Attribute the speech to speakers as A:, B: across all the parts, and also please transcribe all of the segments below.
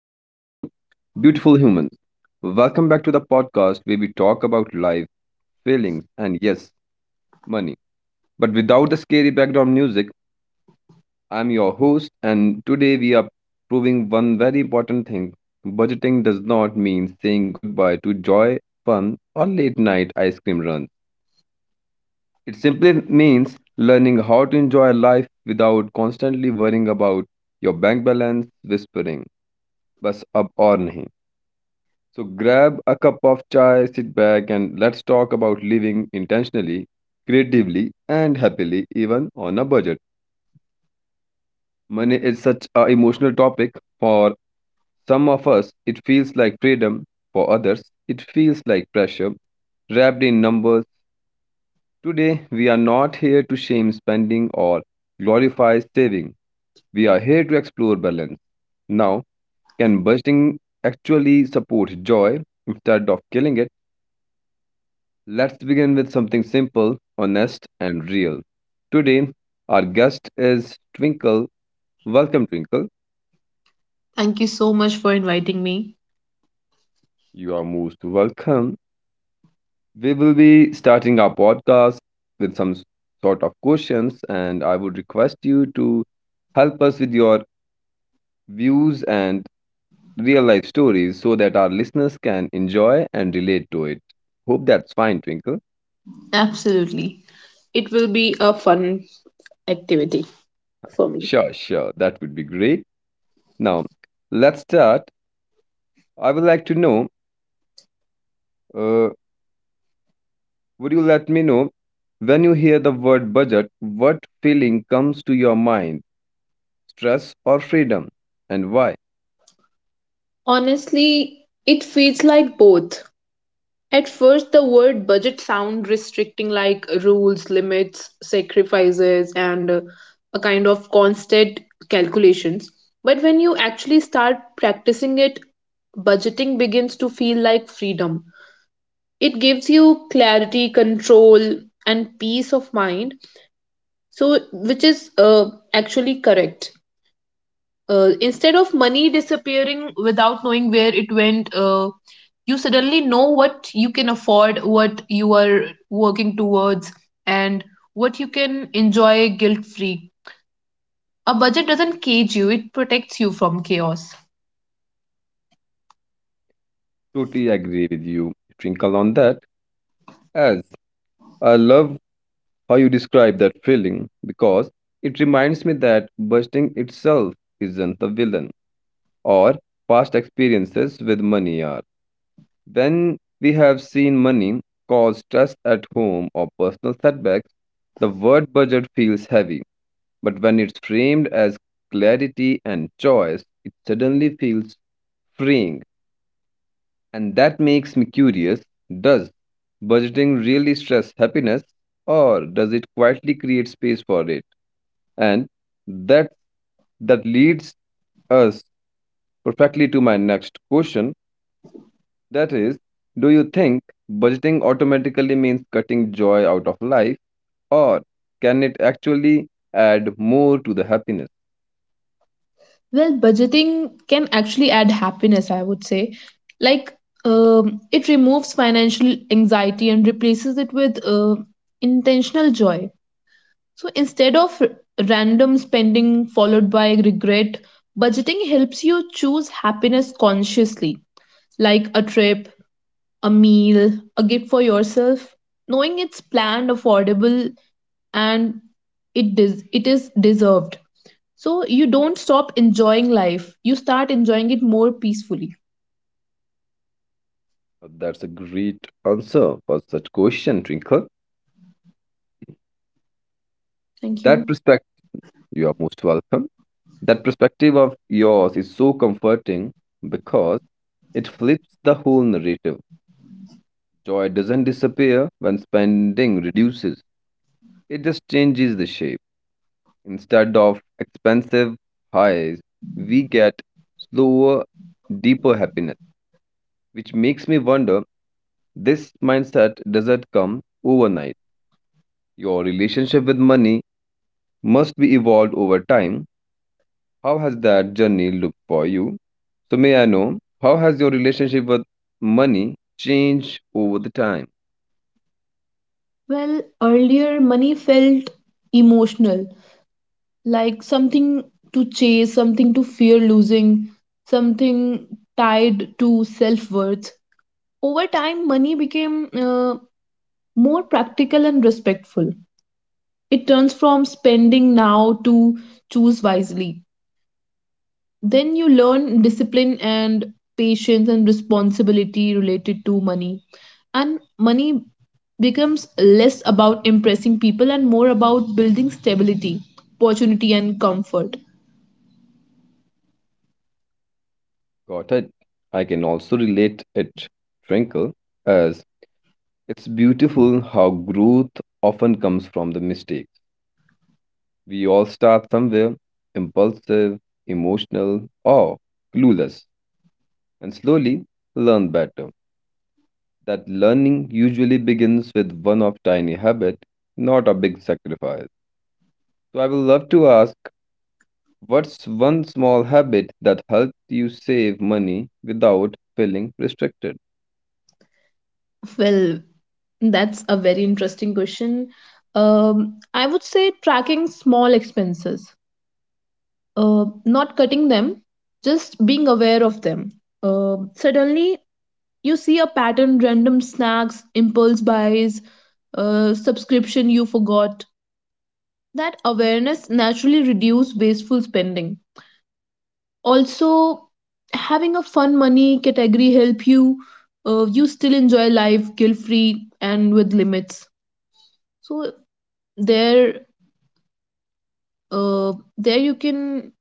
A: Hello, hello, beautiful humans. Welcome back to the podcast where we talk about life, feelings, and yes, money. But without the scary background music, I'm your host, and today we are proving one very important thing. Budgeting does not mean saying goodbye to joy, fun, or late night ice cream runs. It simply means learning how to enjoy life without constantly worrying about your bank balance, whispering, bus up or nahi. So grab a cup of chai, sit back, and let's talk about living intentionally, creatively, and happily, even on a budget. Money is such an emotional topic. For some of us, it feels like freedom. For others, it feels like pressure wrapped in numbers. Today, we are not here to shame spending or glorify saving. We are here to explore balance. Now, can budgeting actually support joy instead of killing it? Let's begin with something simple, honest, and real. Today, our guest is Twinkle. Welcome, Twinkle.
B: Thank you so much for inviting me.
A: You are most welcome. We will be starting our podcast with sort of questions, and I would request you to help us with your views and real life stories so that our listeners can enjoy and relate to it. Hope that's fine, Twinkle.
B: Absolutely. It will be a fun activity for me.
A: Sure, sure. That would be great. Now, let's start. I would like to know. Uh, Would you let me know when you hear the word budget, what feeling comes to your mind? Stress or freedom? And why?
B: Honestly, it feels like both. At first, the word budget sound restricting, like rules, limits, sacrifices, and a kind of constant calculations. But when you actually start practicing it, budgeting begins to feel like freedom. It gives you clarity, control, and peace of mind. So, which is actually correct. Instead of money disappearing without knowing where it went, you suddenly know what you can afford, what you are working towards, and what you can enjoy guilt free. A budget doesn't cage you, it protects you from chaos.
A: Totally agree with you, Twinkle, on that. As I love how you describe that feeling because it reminds me that budgeting itself isn't the villain, or past experiences with money are. When we have seen money cause stress at home or personal setbacks, the word budget feels heavy. But when it's framed as clarity and choice, it suddenly feels freeing. And that makes me curious, does budgeting really stress happiness, or does it quietly create space for it? And that, that leads us perfectly to my next question, that is, do you think budgeting automatically means cutting joy out of life, or can it actually add more to the happiness?
B: Well, budgeting can actually add happiness, I would say. Like, it removes financial anxiety and replaces it with intentional joy. So instead of random spending followed by regret, budgeting helps you choose happiness consciously, like a trip, a meal, a gift for yourself, knowing it's planned, affordable, and it is deserved. So you don't stop enjoying life, you start enjoying it more peacefully.
A: That's a great answer for such question, Twinkle.
B: Thank
A: That
B: you.
A: perspective, you are most welcome. That perspective of yours is so comforting because it flips the whole narrative. Joy doesn't disappear when spending reduces, it just changes the shape. Instead of expensive highs, we get slower, deeper happiness, which makes me wonder, this mindset doesn't come overnight. Your relationship with money must be evolved over time. How has that journey looked for you? So, may I know, how has your relationship with money changed over the time?
B: Well, earlier money felt emotional, like something to chase, something to fear losing, something tied to self worth. Over time, money became more practical and respectful. It turns from spending now to choose wisely. Then you learn discipline and patience and responsibility related to money. And money becomes less about impressing people and more about building stability, opportunity, and comfort.
A: Got it. I can also relate it, Twinkle, as it's beautiful how growth often comes from the mistakes. We all start somewhere impulsive, emotional, or clueless, and slowly learn better. That learning usually begins with one of tiny habit, not a big sacrifice. So I would love to ask, what's one small habit that helps you save money without feeling restricted?
B: Well, that's a very interesting question. I would say tracking small expenses, not cutting them, just being aware of them. Suddenly, you see a pattern random snacks, impulse buys, subscription you forgot. That awareness naturally reduces wasteful spending. Also, having a fun money category help you. You still enjoy life guilt free and with limits. So there uh, there you can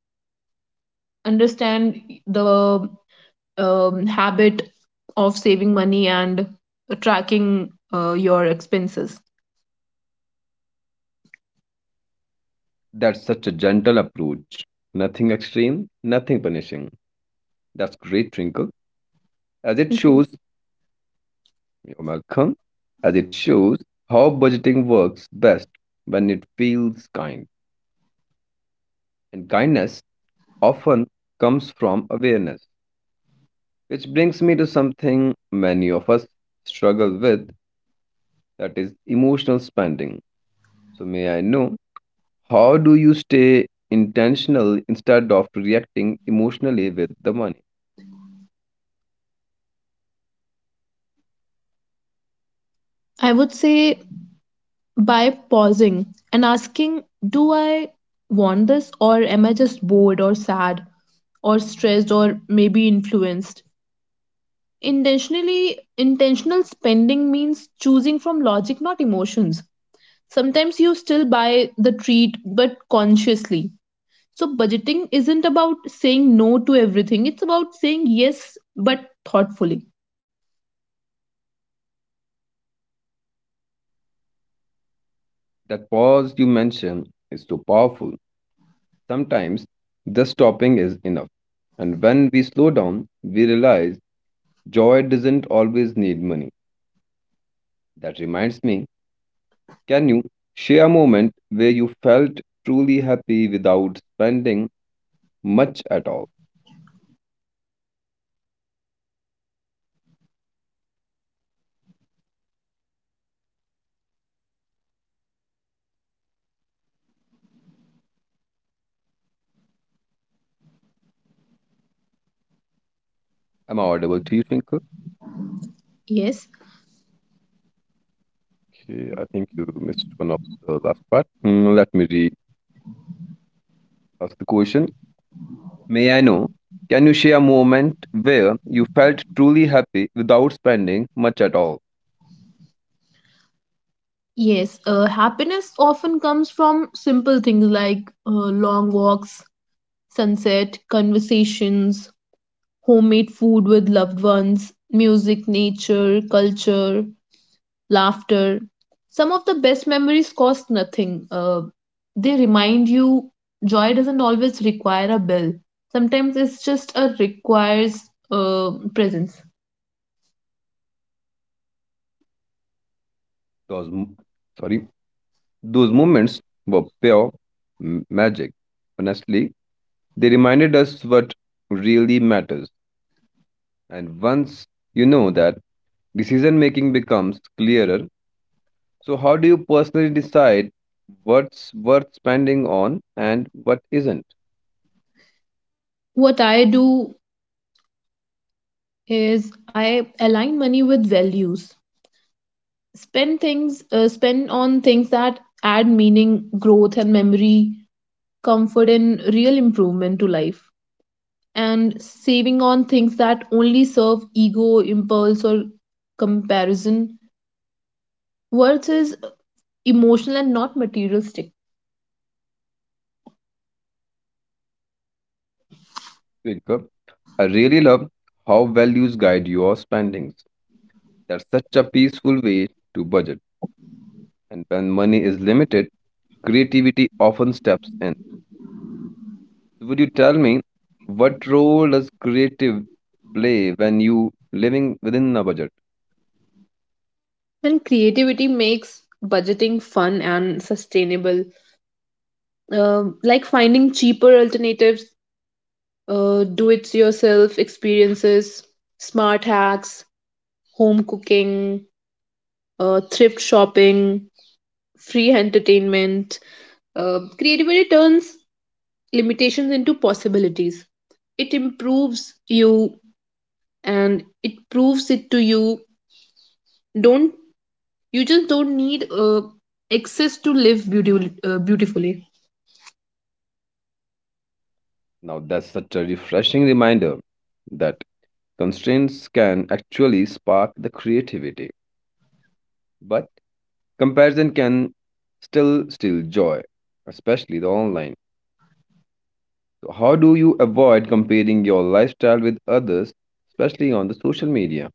B: understand the habit of saving money and tracking your expenses.
A: That's such a gentle approach. Nothing extreme, nothing punishing. That's great, Twinkle. As it
B: Mhm.
A: shows, you're welcome. As it shows how budgeting works best when it feels kind. And kindness often comes from awareness. Which brings me to something many of us struggle with, that is emotional spending. So, may I know, how do you stay intentional instead of reacting emotionally with the money?
B: I would say by pausing and asking, do I want this or am I just bored or sad or stressed or maybe influenced intentionally. Intentional spending means choosing from logic not emotions. Sometimes you still buy the treat, but consciously. So, budgeting isn't about saying no to everything, it's about saying yes, but thoughtfully.
A: That pause you mentioned is so powerful. Sometimes the stopping is enough. And when we slow down, we realize joy doesn't always need money. That reminds me, can you share a moment where you felt truly happy without spending much at all? Am I audible to you, Twinkle?
B: Yes.
A: Okay, I think you missed one of the last part. Let me re ask the question. May I know? Can you share a moment where you felt truly happy without spending much at all?
B: Yes, happiness often comes from simple things like long walks, sunset, conversations, homemade food with loved ones, music, nature, culture. Laughter. Some of the best memories cost nothing. They remind you joy doesn't always require a bill. Sometimes it's just a requires presence.
A: Those, mo- sorry, those moments were pure magic. Honestly, they reminded us what really matters. And once you know that, decision making becomes clearer. So, how do you personally decide what's worth spending on and what isn't?
B: What I do is I align money with values. Spend on things that add meaning, growth, and memory, comfort, and real improvement to life. And saving on things that only serve ego, impulse, or comparison. Worth is emotional and not materialistic.
A: Jacob, I really love how values guide your spending. That's such a peaceful way to budget. And when money is limited, creativity often steps in. So would you tell me, what role does creative play when you living within a budget?
B: And creativity makes budgeting fun and sustainable. Like finding cheaper alternatives, do it yourself experiences, smart hacks, home cooking, thrift shopping, free entertainment. Creativity turns limitations into possibilities. It improves you and it proves it to you. Don't you just don't need excess to live beautifully.
A: Now that's such a refreshing reminder that constraints can actually spark the creativity, but comparison can still steal joy, especially the online. So how do you avoid comparing your lifestyle with others, especially on the social media?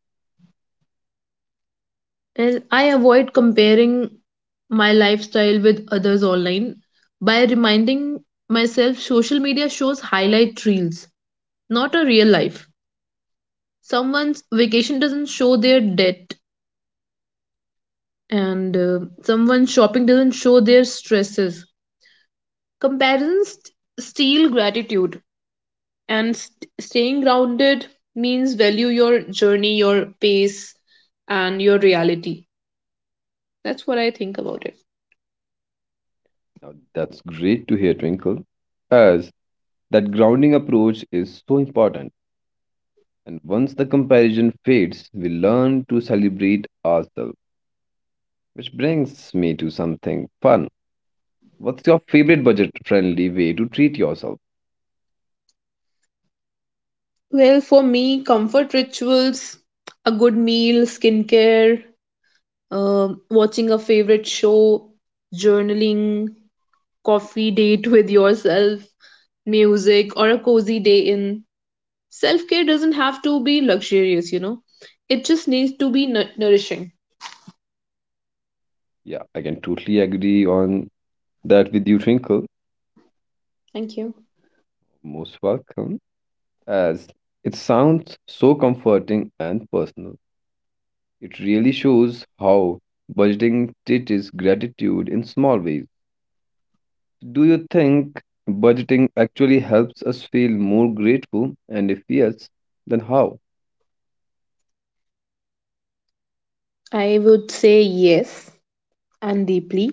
B: And I avoid comparing my lifestyle with others online by reminding myself social media shows highlight reels, not a real life. Someone's vacation doesn't show their debt, and someone's shopping doesn't show their stresses. Comparisons steal gratitude, and staying grounded means value your journey, your pace, and your reality. That's what I think about it.
A: Now, that's great to hear, Twinkle, as that grounding approach is so important. And once the comparison fades, we learn to celebrate ourselves. Which brings me to something fun. What's your favorite budget friendly way to treat yourself?
B: Well, for me, comfort rituals, a good meal, skincare, watching a favorite show, journaling, coffee date with yourself, music, or a cozy day in. Self-care doesn't have to be luxurious, you know, it just needs to be nourishing.
A: Yeah, I can totally agree on that with you, Twinkle.
B: Thank you.
A: Most welcome. As it sounds so comforting and personal, it really shows how budgeting teaches gratitude in small ways. Do you think budgeting actually helps us feel more grateful? And if yes, then how?
B: I would say yes, and deeply.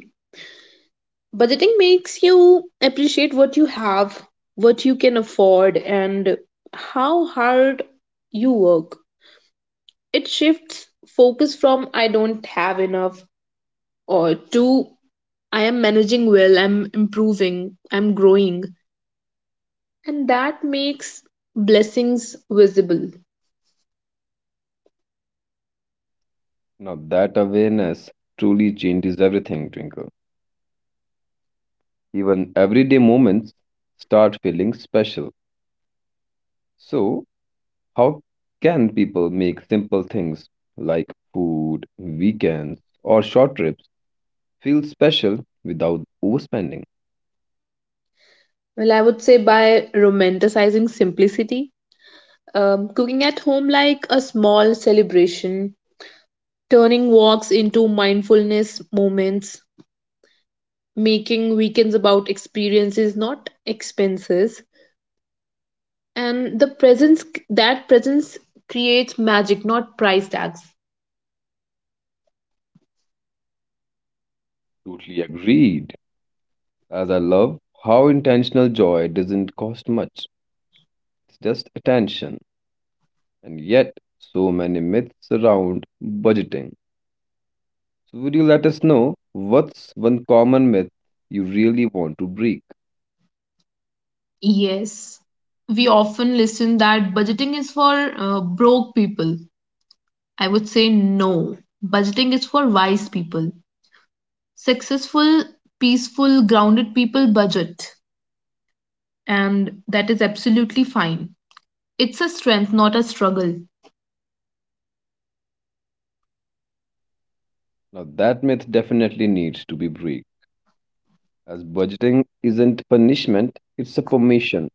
B: Budgeting makes you appreciate what you have, what you can afford, and how hard you work. It shifts focus from I don't have enough or to I am managing well, I'm improving, I'm growing. And that makes blessings visible.
A: Now, that awareness truly changes everything, Twinkle. Even everyday moments start feeling special. So, how can people make simple things like food, weekends, or short trips feel special without overspending?
B: Well, I would say by romanticizing simplicity, cooking at home like a small celebration, turning walks into mindfulness moments, making weekends about experiences, not expenses. And the presence creates magic, not price tags.
A: Totally agreed. As I love how intentional joy doesn't cost much, it's just attention. And yet, so many myths around budgeting. So, would you let us know what's one common myth you really want to break?
B: Yes, we often listen that budgeting is for broke people. I would say no. Budgeting is for wise people. Successful, peaceful, grounded people budget, and that is absolutely fine. It's a strength, not a struggle.
A: Now, that myth definitely needs to be break, as budgeting isn't punishment, it's a permission.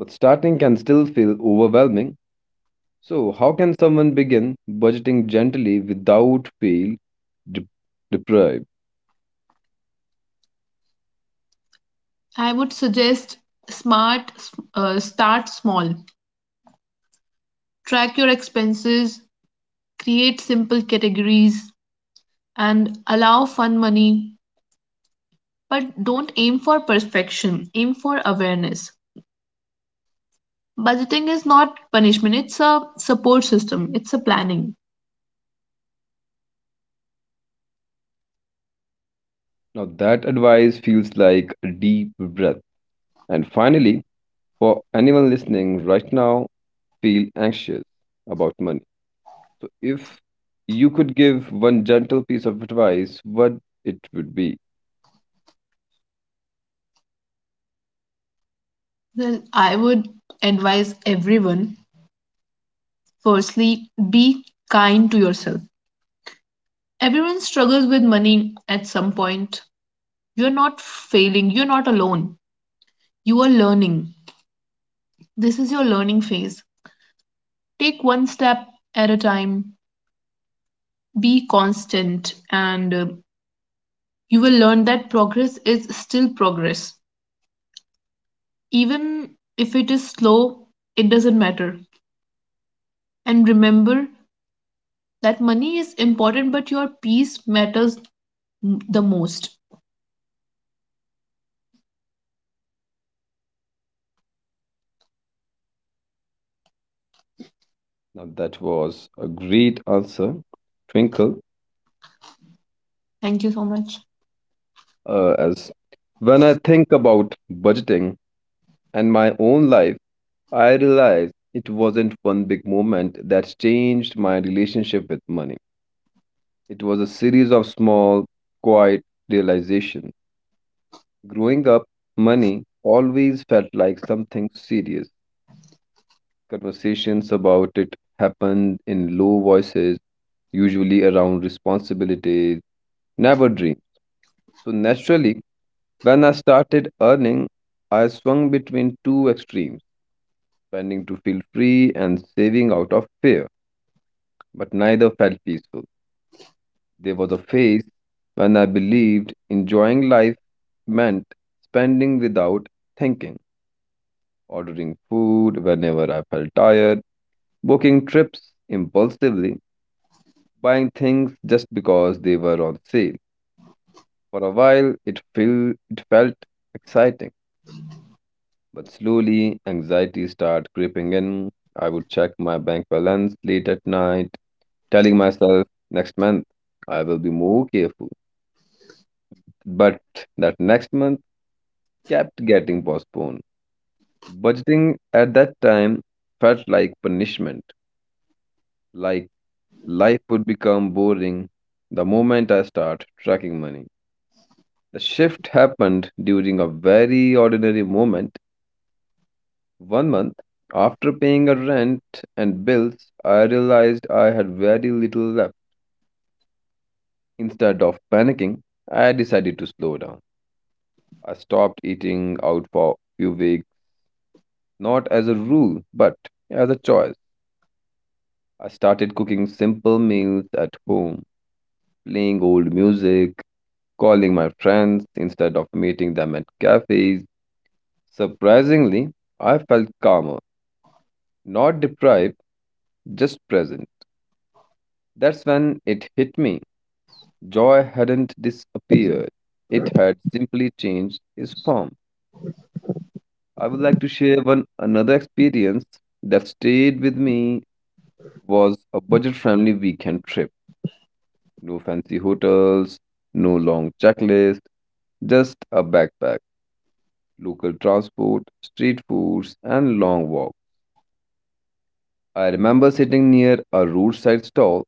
A: But starting can still feel overwhelming. So, how can someone begin budgeting gently without de- deprived?
B: I would suggest smart start small. Track your expenses, create simple categories and allow fun money, but don't aim for perfection, aim for awareness. Budgeting is not punishment, it's a support system, it's a planning.
A: Now, that advice feels like a deep breath. And finally, for anyone listening right now, feel anxious about money. So, if you could give one gentle piece of advice, what it would be?
B: Well, I would advise everyone, firstly, be kind to yourself. Everyone struggles with money at some point. You're not failing, you're not alone. You are learning. This is your learning phase. Take one step at a time, be constant, and you will learn that progress is still progress. Even if it is slow, it doesn't matter. And remember that money is important, but your peace matters the most.
A: Now, that was a great answer, Twinkle.
B: Thank you so much.
A: As when I think about budgeting and my own life, I realize it wasn't one big moment that changed my relationship with money. It was a series of small, quiet realizations. Growing up, money always felt like something serious. Conversations about it happened in low voices, usually around responsibilities, never dreams. So naturally, when I started earning, I swung between two extremes, spending to feel free and saving out of fear, but neither felt peaceful. There was a phase when I believed enjoying life meant spending without thinking, ordering food whenever I felt tired, booking trips impulsively, buying things just because they were on sale. For a while, it felt exciting, but slowly anxiety started creeping in. I would check my bank balance late at night, telling myself next month I will be more careful. But that next month kept getting postponed. Budgeting at that time felt like punishment, like life would become boring the moment I start tracking money. The shift happened during a very ordinary moment. One month after paying a rent and bills, I realized I had very little left. Instead of panicking, I decided to slow down. I stopped eating out for a few weeks, not as a rule, but as a choice. I started cooking simple meals at home, playing old music, calling my friends instead of meeting them at cafes. Surprisingly, I felt calmer, not deprived, just present. That's when it hit me. Joy hadn't disappeared, it had simply changed its form. I would like to share one another experience that stayed with me was a budget friendly weekend trip. No fancy hotels, no long checklist, just a backpack, local transport, street foods, and long walk. I remember sitting near a roadside stall,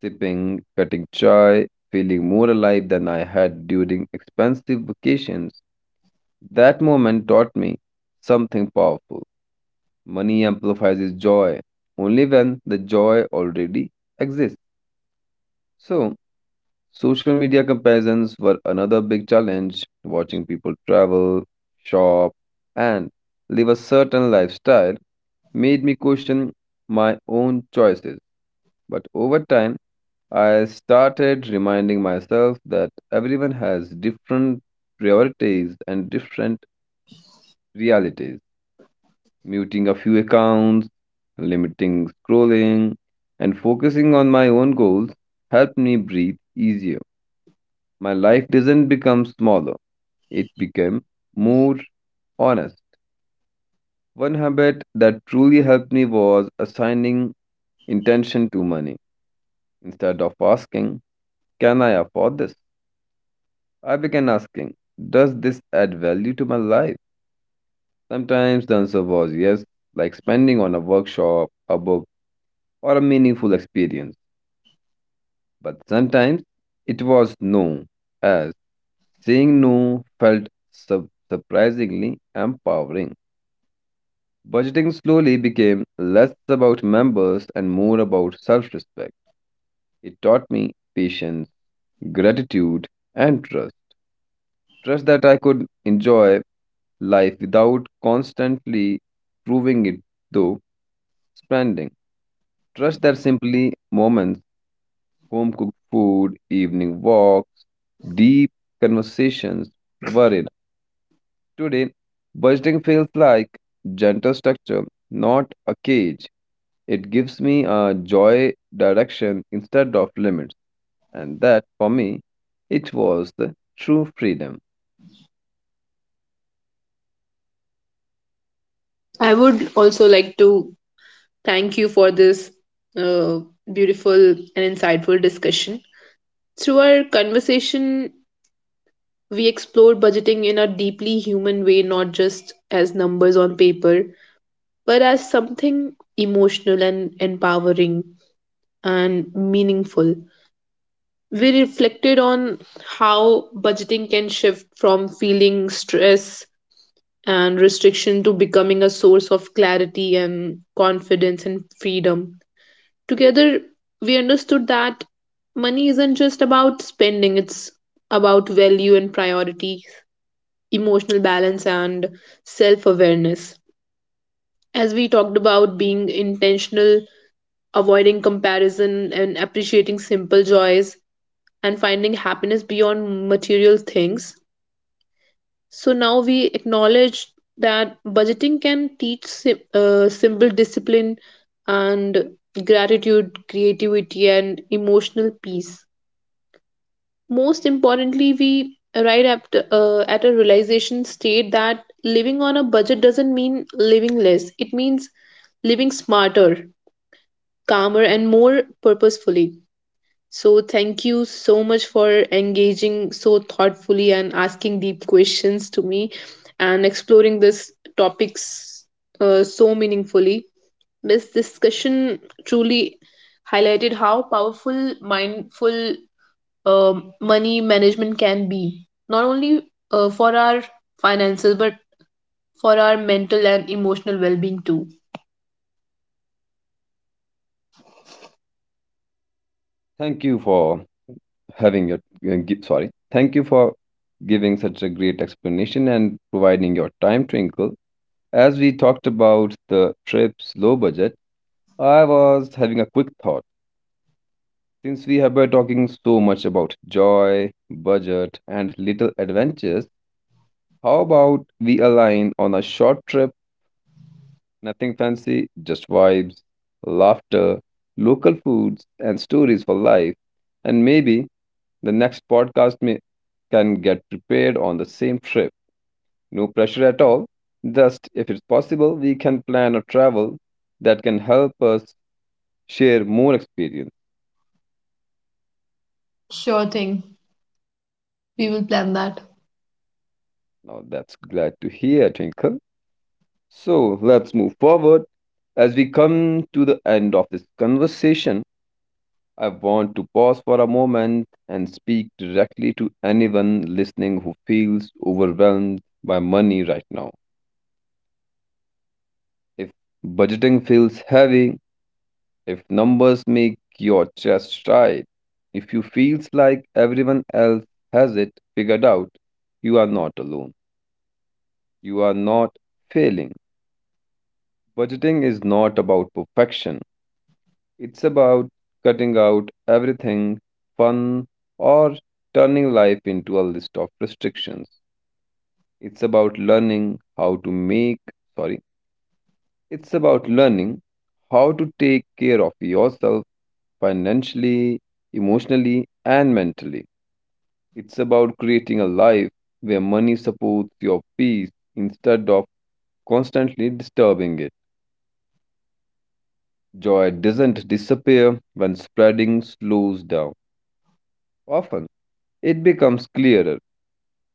A: sipping, cutting chai, feeling more alive than I had during expensive vacations. That moment taught me something powerful. Money amplifies joy only when the joy already exists. So, social media comparisons were another big challenge. Watching people travel, shop, and live a certain lifestyle made me question my own choices. But over time, I started reminding myself that everyone has different priorities and different realities. Muting a few accounts, limiting scrolling, and focusing on my own goals helped me breathe easier. My life doesn't become smaller, it became more honest. One habit that truly helped me was assigning intention to money. Instead of asking, can I afford this? I began asking, does this add value to my life? Sometimes the answer was yes, like spending on a workshop, a book, or a meaningful experience. But sometimes it was no, as saying no felt surprisingly empowering. Budgeting slowly became less about members and more about self respect. It taught me patience, gratitude, and trust. Trust that I could enjoy life without constantly proving it though spending, trust that simply moments, home cooked food, evening walks, deep conversations were enough. Today budgeting feels like gentle structure, not a cage. It gives me a joy direction instead of limits, and that for me, it was the true freedom.
B: I would also like to thank you for this uh, beautiful and insightful discussion. Through our conversation, we explored budgeting in a deeply human way, not just as numbers on paper, but as something emotional and empowering and meaningful. We reflected on how budgeting can shift from feeling stress and restriction to becoming a source of clarity and confidence and freedom. Together, we understood that money isn't just about spending, it's about value and priority. Emotional balance and self awareness. As we talked about being intentional, avoiding comparison, and appreciating simple joys, and finding happiness beyond material things. So now we acknowledge that budgeting can teach simple discipline and gratitude, creativity, and emotional peace. Most importantly, we arrive at a realization state that living on a budget doesn't mean living less, it means living smarter, calmer, and more purposefully. So, thank you so much for engaging so thoughtfully and asking deep questions to me and exploring this topics so meaningfully. This discussion truly highlighted how powerful mindful money management can be, not only for our finances, but for our mental and emotional well being too.
A: Thank you for having your gi- sorry. Thank you for giving such a great explanation and providing your time, Twinkle. As we talked about the trip's low budget, I was having a quick thought. Since we have been talking so much about joy, budget, and little adventures, how about we align on a short trip? Nothing fancy, just vibes, laughter, local foods, and stories for life. And maybe the next podcast can get prepared on the same trip. No pressure at all. Just if it's possible, we can plan a travel that can help us share more experience.
B: Sure thing. We will plan that.
A: Now that's glad to hear, Twinkle. So let's move forward. As we come to the end of this conversation, I want to pause for a moment and speak directly to anyone listening who feels overwhelmed by money right now. If budgeting feels heavy, if numbers make your chest tight, if you feels like everyone else has it figured out, you are not alone. You are not failing. Budgeting is not about perfection. It's about cutting out everything fun or turning life into a list of restrictions. It's about learning how to make, sorry, it's about learning how to take care of yourself financially, emotionally, and mentally. It's about creating a life where money supports your peace instead of constantly disturbing it. Joy doesn't disappear when spreading slows down. Often, it becomes clearer.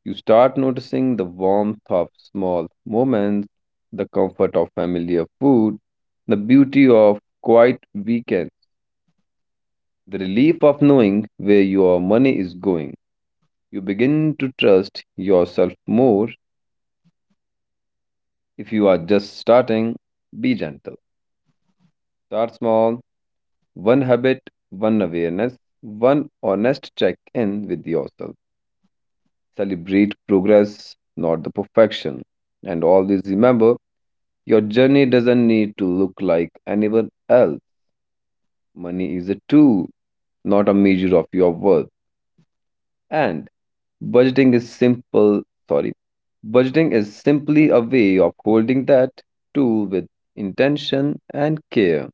A: You start noticing the warmth of small moments, the comfort of familiar food, the beauty of quiet weekends, the relief of knowing where your money is going. You begin to trust yourself more. If you are just starting, be gentle. Start small. One habit, one awareness, one honest check in with yourself. Celebrate progress, not the perfection. And always remember your journey doesn't need to look like anyone else. Money is a tool, not a measure of your worth. And budgeting is sorry, simply a way of holding that tool with intention and care.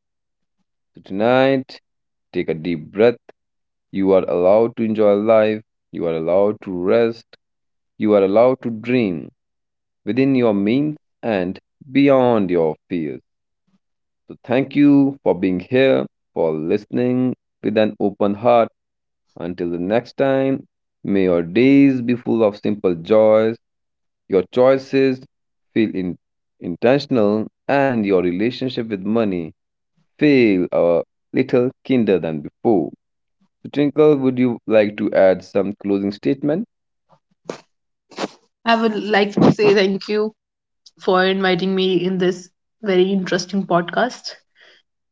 A: So tonight, take a deep breath. You are allowed to enjoy life. You are allowed to rest. You are allowed to dream within your means and beyond your fears. So, thank you for being here, for listening with an open heart. Until the next time, may your days be full of simple joys, your choices feel intentional, and your relationship with money feel a little kinder than before. So, Twinkle, would you like to add some closing statement?
B: I would like to say thank you for inviting me in this very interesting podcast.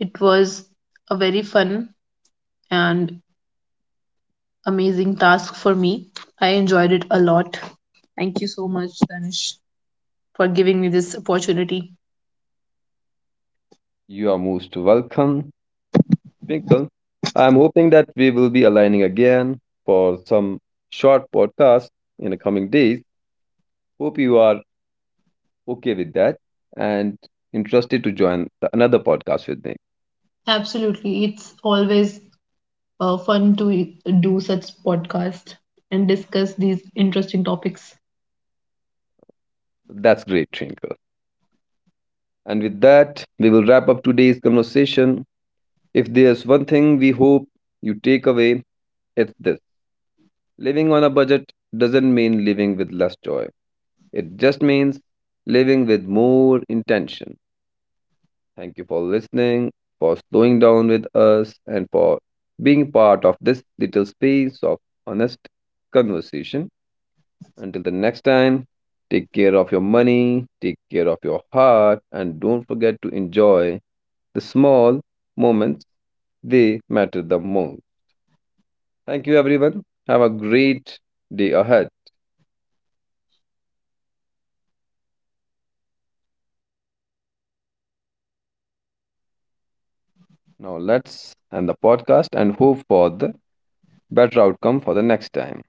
B: It was a very fun and amazing task for me. I enjoyed it a lot. Thank you so much, Danish, for giving me this opportunity.
A: You are most welcome, Twinkle. I'm hoping that we will be aligning again for some short podcast in the coming days. Hope you are okay with that and interested to join another podcast with me.
B: Absolutely. It's always fun to do such podcasts and discuss these interesting topics.
A: That's great, Twinkle. And with that, we will wrap up today's conversation. If there's one thing we hope you take away, it's this. Living on a budget doesn't mean living with less joy, it just means living with more intention. Thank you for listening, for slowing down with us, and for being part of this little space of honest conversation. Until the next time, take care of your money, take care of your heart, and don't forget to enjoy the small moments. They matter the most. Thank you, everyone. Have a great day ahead. Now, let's end the podcast and hope for the better outcome for the next time.